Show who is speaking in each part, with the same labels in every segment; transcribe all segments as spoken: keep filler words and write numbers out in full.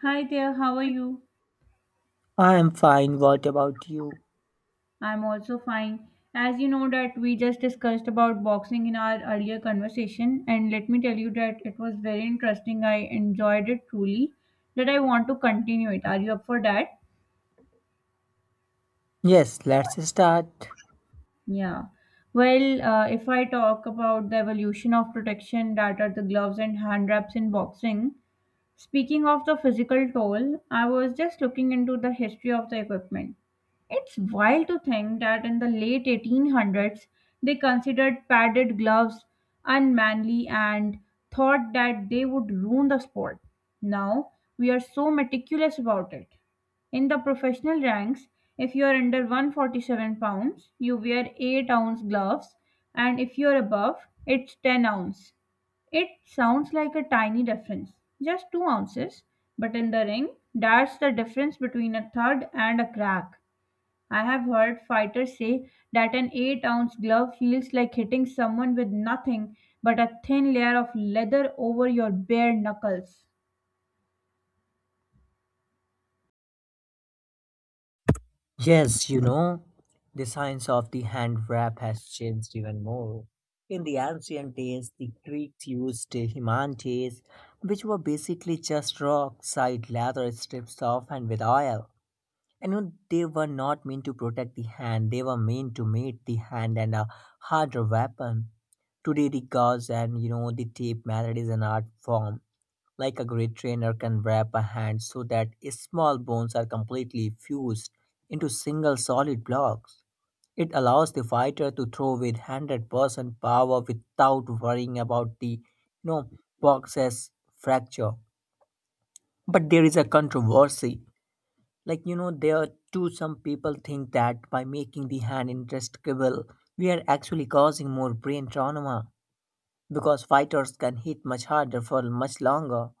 Speaker 1: Hi there, how are you?
Speaker 2: I am fine. What about you?
Speaker 1: I'm also fine. As you know that we just discussed about boxing in our earlier conversation and let me tell you that it was very interesting. I enjoyed it truly that I want to continue it. Are you up for that?
Speaker 2: Yes, let's start.
Speaker 1: Yeah. Well, uh, if I talk about the evolution of protection that are the gloves and hand wraps in boxing, speaking of the physical toll, I was just looking into the history of the equipment. It's wild to think that in the late eighteen hundreds, they considered padded gloves unmanly and thought that they would ruin the sport. Now, we are so meticulous about it. In the professional ranks, if you are under one hundred forty-seven pounds, you wear eight ounce gloves, and if you are above, it's ten ounce. It sounds like a tiny difference, just two ounces, but in the ring, that's the difference between a thud and a crack. I have heard fighters say that an eight ounce glove feels like hitting someone with nothing but a thin layer of leather over your bare knuckles.
Speaker 2: Yes, you know, the science of the hand wrap has changed even more. In the ancient days, the Greeks used himantes, which were basically just rock side leather strips off and with oil. And you know, they were not meant to protect the hand, they were meant to make the hand and a harder weapon. Today, the gauze and you know the tape method is an art form. Like a great trainer can wrap a hand so that its small bones are completely fused into single solid blocks. It allows the fighter to throw with one hundred percent power without worrying about the you know, box's fracture. But there is a controversy. Like, you know, there too, some people think that by making the hand indestructible, we are actually causing more brain trauma because fighters can hit much harder for much longer.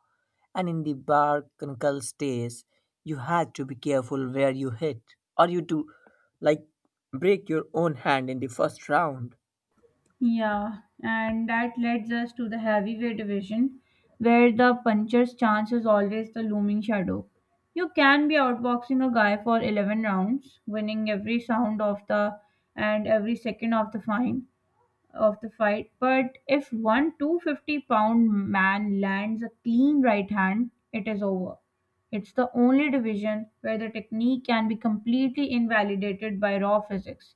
Speaker 2: And in the bar crankle stays, you had to be careful where you hit, or you do like break your own hand in the first round.
Speaker 1: Yeah, and that leads us to the heavyweight division, where the puncher's chance is always the looming shadow. You can be outboxing a guy for eleven rounds, winning every sound of the and every second of the fine of the fight, but if one two hundred fifty pound man lands a clean right hand, it is over. It's the only division where the technique can be completely invalidated by raw physics.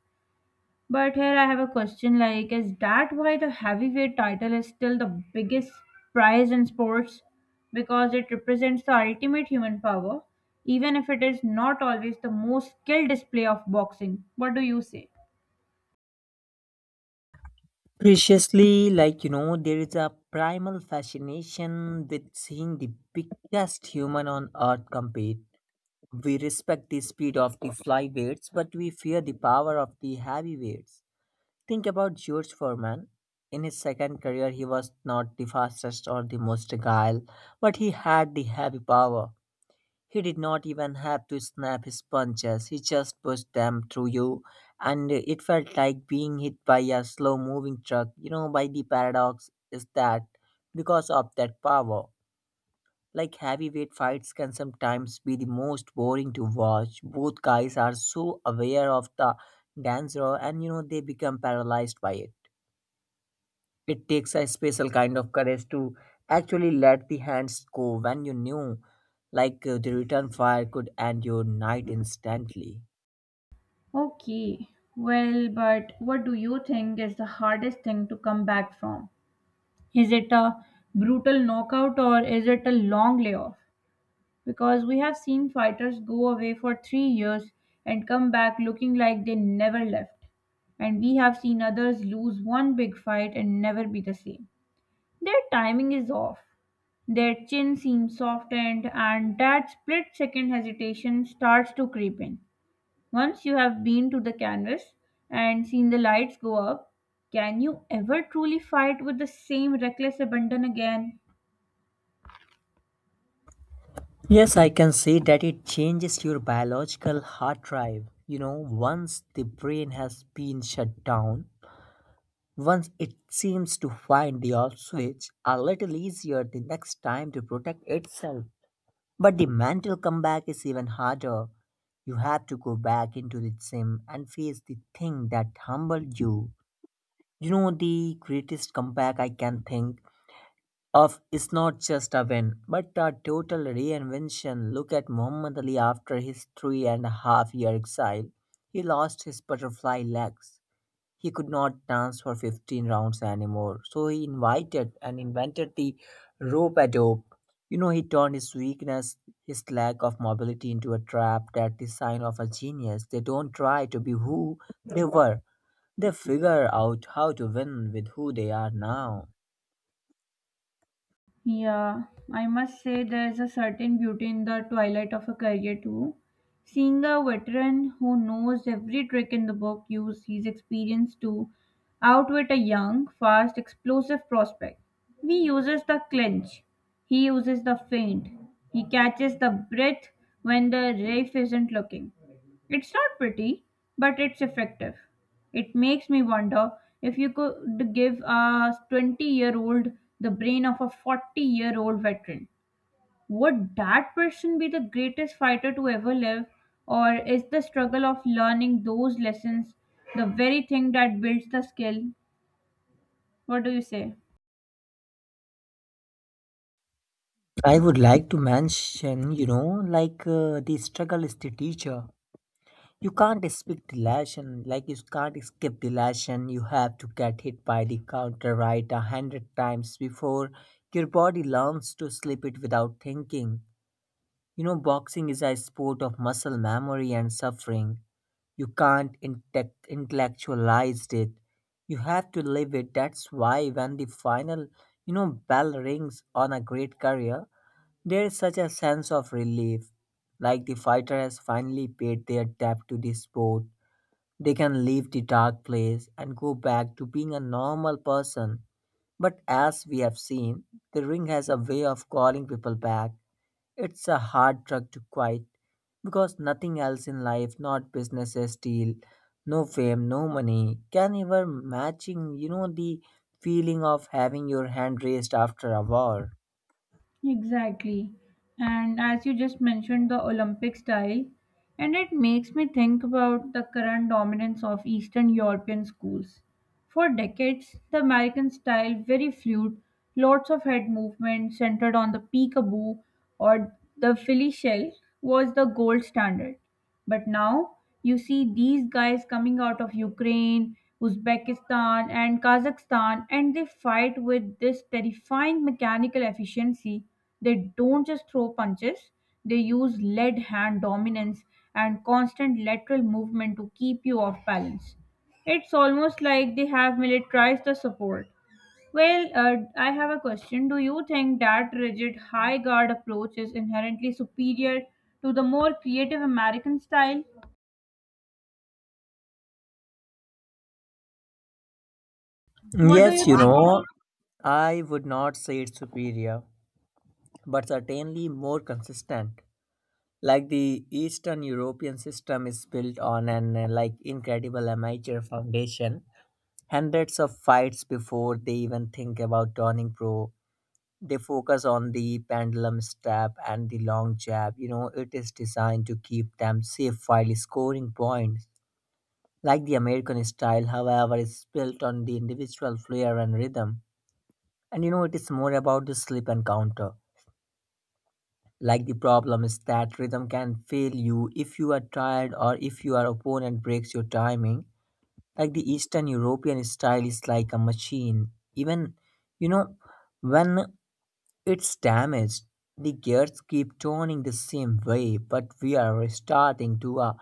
Speaker 1: But here I have a question like, is that why the heavyweight title is still the biggest prize in sports? Because it represents the ultimate human power, even if it is not always the most skilled display of boxing. What do you say?
Speaker 2: Preciously, like you know, there is a primal fascination with seeing the biggest human on earth compete. We respect the speed of the flyweights, but we fear the power of the heavyweights. Think about George Foreman. In his second career, he was not the fastest or the most agile, but he had the heavy power. He did not even have to snap his punches, he just pushed them through you. And it felt like being hit by a slow moving truck. You know, by the paradox is that because of that power, like heavyweight fights can sometimes be the most boring to watch. Both guys are so aware of the danger and you know they become paralyzed by it. It takes a special kind of courage to actually let the hands go when you knew, like uh, the return fire could end your night instantly.
Speaker 1: Okay, well, but what do you think is the hardest thing to come back from? Is it a brutal knockout or is it a long layoff? Because we have seen fighters go away for three years and come back looking like they never left. And we have seen others lose one big fight and never be the same. Their timing is off. Their chin seems softened, and that split second hesitation starts to creep in. Once you have been to the canvas and seen the lights go up, can you ever truly fight with the same reckless abandon again?
Speaker 2: Yes, I can say that it changes your biological hard drive. You know, once the brain has been shut down, once it seems to find the off switch a little easier the next time to protect itself. But the mental comeback is even harder. You have to go back into the gym and face the thing that humbled you. You know, the greatest comeback I can think of is not just a win, but a total reinvention. Look at Muhammad Ali after his three and a half year exile. He lost his butterfly legs, he could not dance for fifteen rounds anymore so he invited and invented the rope a dope. You know he turned his weakness, his lack of mobility, into a trap. That is sign of a genius. They don't try to be who they were. They figure out how to win with who they are now.
Speaker 1: Yeah, I must say there's a certain beauty in the twilight of a career too. Seeing a veteran who knows every trick in the book use his experience to outwit a young, fast, explosive prospect. He uses the clinch, he uses the feint, he catches the breath when the ref isn't looking. It's not pretty, but it's effective. It makes me wonder if you could give a twenty year old the brain of a forty year old veteran. Would that person be the greatest fighter to ever live? Or is the struggle of learning those lessons the very thing that builds the skill? What do you say?
Speaker 2: I would like to mention you know like uh, the struggle is the teacher. You can't escape dilation, like, you can't escape dilation. You have to get hit by the counter right a hundred times before your body learns to slip it without thinking. You know boxing is a sport of muscle memory and suffering. You can't intec- intellectualize it. You have to live it. That's why when the final you know bell rings on a great career, there is such a sense of relief, like the fighter has finally paid their debt to the sport. They can leave the dark place and go back to being a normal person. But as we have seen, the ring has a way of calling people back. It's a hard drug to quit because nothing else in life, not businesses, deal, no fame, no money, can ever matching, you know, the feeling of having your hand raised after a war.
Speaker 1: Exactly. And as you just mentioned, the Olympic style, and it makes me think about the current dominance of Eastern European schools. For decades, the American style, very fluid, lots of head movement centered on the peekaboo or the Philly shell, was the gold standard. But now you see these guys coming out of Ukraine, Uzbekistan, and Kazakhstan, and they fight with this terrifying mechanical efficiency. They don't just throw punches, they use lead hand dominance and constant lateral movement to keep you off balance. It's almost like they have militarized the support. Well, uh, I have a question. Do you think that rigid, high guard approach is inherently superior to the more creative American style? What do you
Speaker 2: Yes, you
Speaker 1: think?
Speaker 2: know, I would not say it's superior, but certainly more consistent. Like the Eastern European system is built on an uh, like incredible amateur foundation. Hundreds of fights before they even think about turning pro. They focus on the pendulum step and the long jab, you know it is designed to keep them safe while scoring points. Like the American style however is built on the individual flair and rhythm. And you know it is more about the slip and counter. Like the problem is that rhythm can fail you if you are tired or if your opponent breaks your timing. Like the Eastern European style is like a machine. Even you know when it's damaged, the gears keep turning the same way. But we are starting to uh,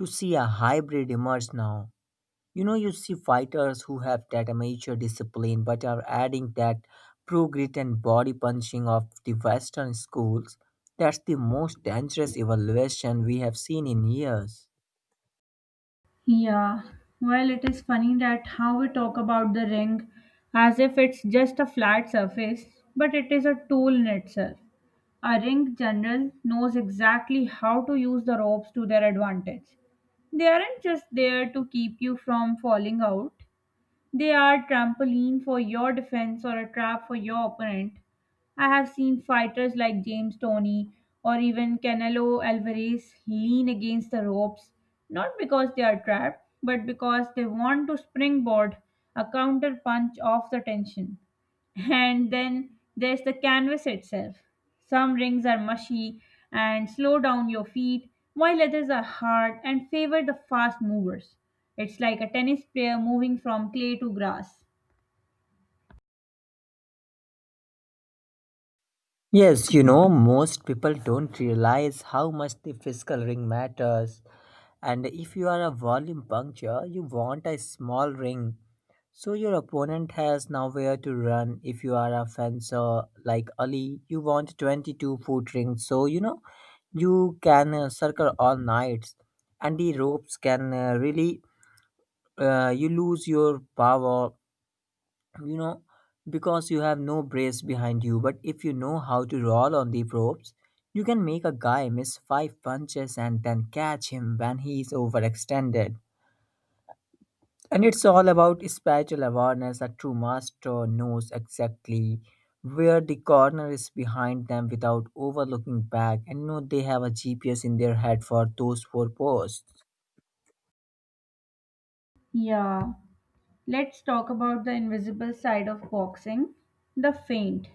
Speaker 2: to see a hybrid emerge now. You know, you see fighters who have that amateur discipline but are adding that pro grit and body punching of the Western schools. That's the most dangerous evaluation we have seen in years.
Speaker 1: Yeah, well, it is funny that how we talk about the ring as if it's just a flat surface, but it is a tool in itself. A ring general knows exactly how to use the ropes to their advantage. They aren't just there to keep you from falling out. They are trampoline for your defense or a trap for your opponent. I have seen fighters like James Tony or even Canelo Alvarez lean against the ropes, not because they are trapped, but because they want to springboard a counter punch off the tension. And then there's the canvas itself. Some rings are mushy and slow down your feet, while others are hard and favor the fast movers. It's like a tennis player moving from clay to grass.
Speaker 2: Yes, you know, most people don't realize how much the physical ring matters. And if you are a volume puncture, you want a small ring. So your opponent has nowhere to run. If you are a fencer like Ali, you want twenty-two foot ring. So, you know, you can uh, circle all nights. And the ropes can uh, really, uh, you lose your power you know because you have no brace behind you. But if you know how to roll on the ropes, you can make a guy miss five punches and then catch him when he is overextended. And it's all about spatial awareness. A true master knows exactly where the corner is behind them without overlooking back, and you know they have a G P S in their head for those four posts.
Speaker 1: Yeah, let's talk about the invisible side of boxing, the feint.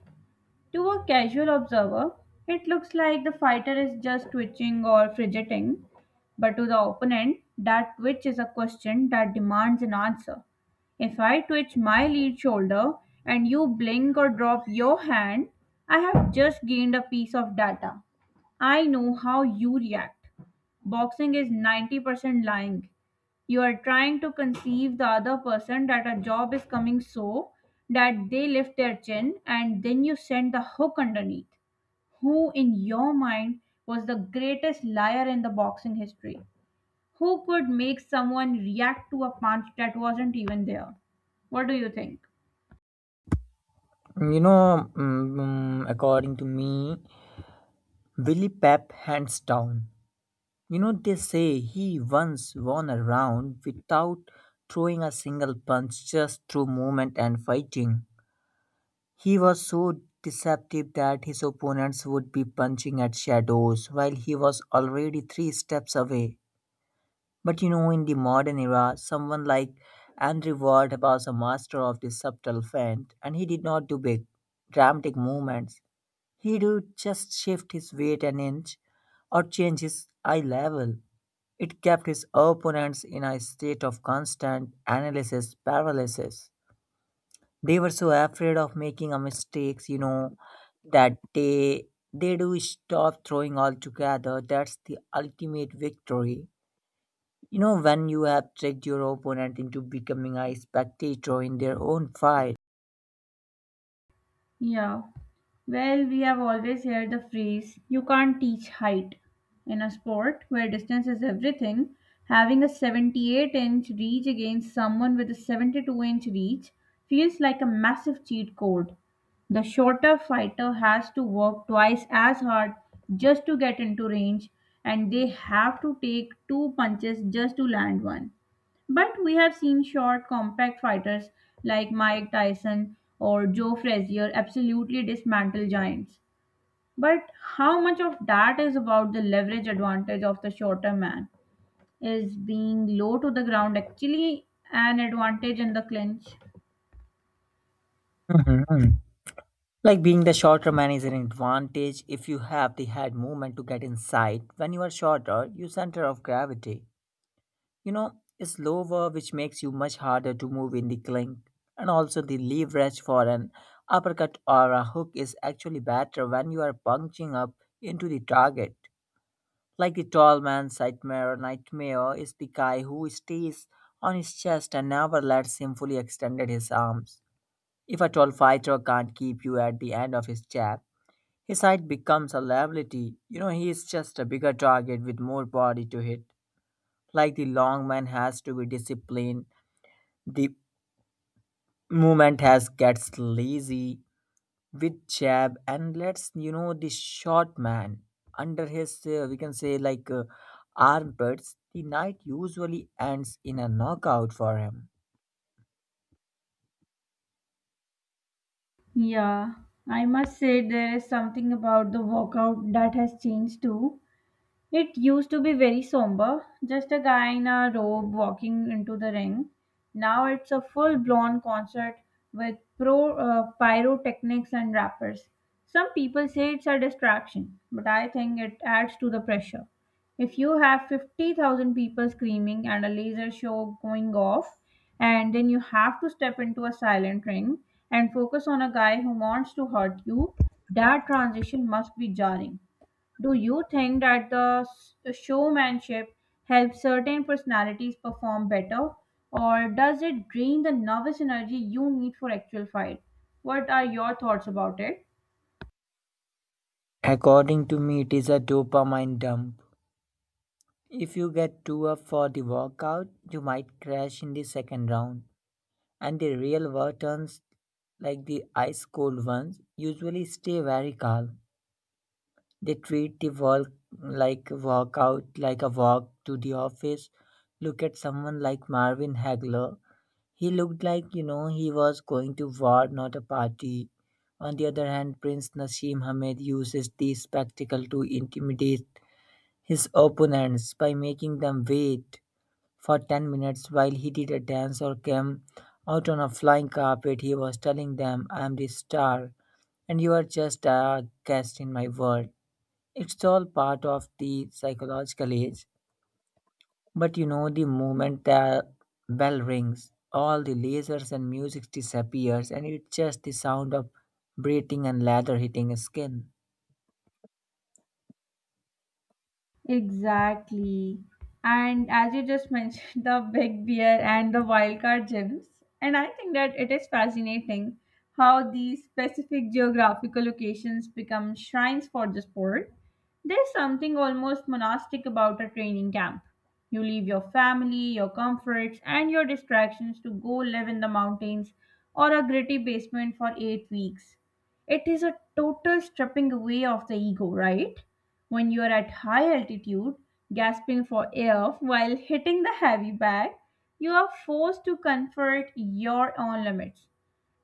Speaker 1: To a casual observer, it looks like the fighter is just twitching or fidgeting, but to the opponent, that twitch is a question that demands an answer. If I twitch my lead shoulder and you blink or drop your hand, I have just gained a piece of data. I know how you react. Boxing is ninety percent lying, you are trying to conceive the other person that a job is coming so that they lift their chin and then you send the hook underneath. Who in your mind was the greatest liar in the boxing history? Who could make someone react to a punch that wasn't even there? What do you think?
Speaker 2: You know mm, mm, according to me, Willie Pep, hands down. You know, they say he once won a round without throwing a single punch just through movement and fighting. He was so deceptive that his opponents would be punching at shadows while he was already three steps away. But you know, in the modern era, someone like Andrew Ward was a master of the subtle feint, and he did not do big, dramatic movements. He would just shift his weight an inch or change his eye level. It kept his opponents in a state of constant analysis paralysis. They were so afraid of making a mistakes, you know, that they they do stop throwing altogether. That's the ultimate victory. You know, when you have tricked your opponent into becoming a spectator in their own fight.
Speaker 1: Yeah. Well, we have always heard the phrase, you can't teach height. In a sport where distance is everything, having a seventy-eight inch reach against someone with a seventy-two inch reach feels like a massive cheat code. The shorter fighter has to work twice as hard just to get into range, and they have to take two punches just to land one. But we have seen short, compact fighters like Mike Tyson or Joe Frazier absolutely dismantle giants. But how much of that is about the leverage advantage of the shorter man? Is being low to the ground actually an advantage in the clinch?
Speaker 2: Mhm. Like being the shorter man is an advantage if you have the head movement to get inside. When you are shorter, you center of gravity, you know, it's lower, which makes you much harder to move in the clink. And also, the leverage for an uppercut or a hook is actually better when you are punching up into the target. Like the tall man's nightmare, nightmare is the guy who stays on his chest and never lets him fully extend his arms. If a tall fighter can't keep you at the end of his jab, his height becomes a liability. You know, he is just a bigger target with more body to hit, like the long man has to be disciplined. The movement has gets lazy with jab and lets you know the short man under his uh, we can say like uh, armpits. The night usually ends in a knockout for him.
Speaker 1: Yeah, I must say there is something about the walkout that has changed too. It used to be very somber, just a guy in a robe walking into the ring. Now it's a full blown concert with pro uh, pyrotechnics and rappers. Some people say it's a distraction, but I think it adds to the pressure. If you have fifty thousand people screaming and a laser show going off, and then you have to step into a silent ring and focus on a guy who wants to hurt you, that transition must be jarring. Do you think that the s- showmanship helps certain personalities perform better, or does it drain the nervous energy you need for actual fight? What are your thoughts about it?
Speaker 2: According to me, it is a dopamine dump. If you get too up for the workout, you might crash in the second round, and the real versions like the ice cold ones usually stay very calm. They treat the work like walk out, like a walk to the office. Look at someone like Marvin Hagler. He looked like, you know, he was going to war, not a party. On the other hand, Prince Nassim Hamed uses the spectacle to intimidate his opponents by making them wait for ten minutes while he did a dance or came out on a flying carpet. He was telling them, "I am the star, and you are just a guest in my world." It's all part of the psychological age. But you know, the moment the bell rings, all the lasers and music disappears, and it's just the sound of breathing and leather hitting skin.
Speaker 1: Exactly. And as you just mentioned, the big beer and the wildcard gems. And I think that it is fascinating how these specific geographical locations become shrines for the sport. There's something almost monastic about a training camp. You leave your family, your comforts, and your distractions to go live in the mountains or a gritty basement for eight weeks. It is a total stripping away of the ego, right? When you are at high altitude, gasping for air while hitting the heavy bag, you are forced to confront your own limits.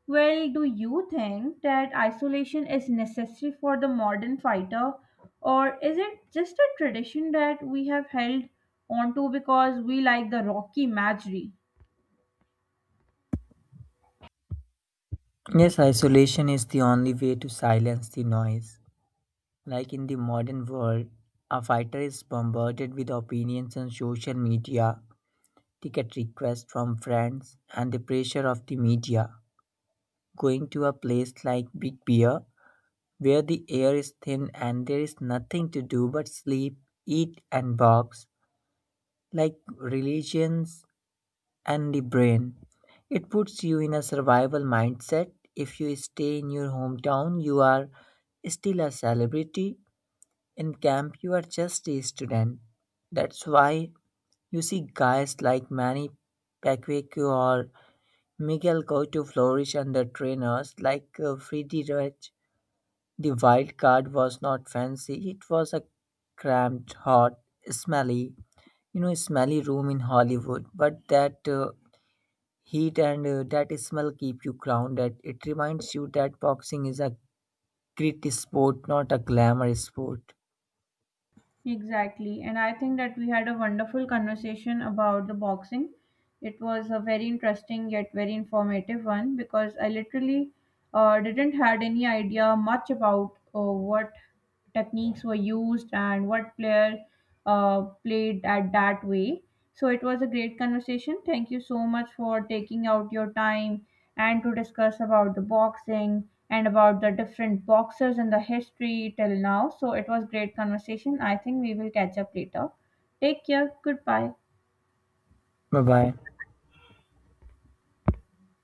Speaker 1: Well, do you think that isolation is necessary for the modern fighter, or is it just a tradition that we have held onto because we like the Rocky imagery?
Speaker 2: Yes, isolation is the only way to silence the noise. Like in the modern world, a fighter is bombarded with opinions on social media, ticket requests from friends, and the pressure of the media. Going to a place like Big Bear where the air is thin and there is nothing to do but sleep, eat, and box, like religions and the brain. It puts you in a survival mindset. If you stay in your hometown, you are still a celebrity. In camp, you are just a student. That's why you see guys like Manny Pacquiao or Miguel go to flourish under trainers like uh, Freddie Rich. The wild card was not fancy. It was a cramped, hot, smelly, you know, smelly room in Hollywood. But that uh, heat and uh, that smell keep you grounded. It reminds you that boxing is a grit sport, not a glamour sport.
Speaker 1: Exactly. And I think that we had a wonderful conversation about the boxing. It was a very interesting yet very informative one because I literally uh, didn't had any idea much about uh, what techniques were used and what player uh, played at that way. So it was a great conversation. Thank you so much for taking out your time and to discuss about the boxing and about the different boxers and the history till now. So it was great conversation. I think we will catch up later. Take care. Goodbye.
Speaker 2: Bye bye.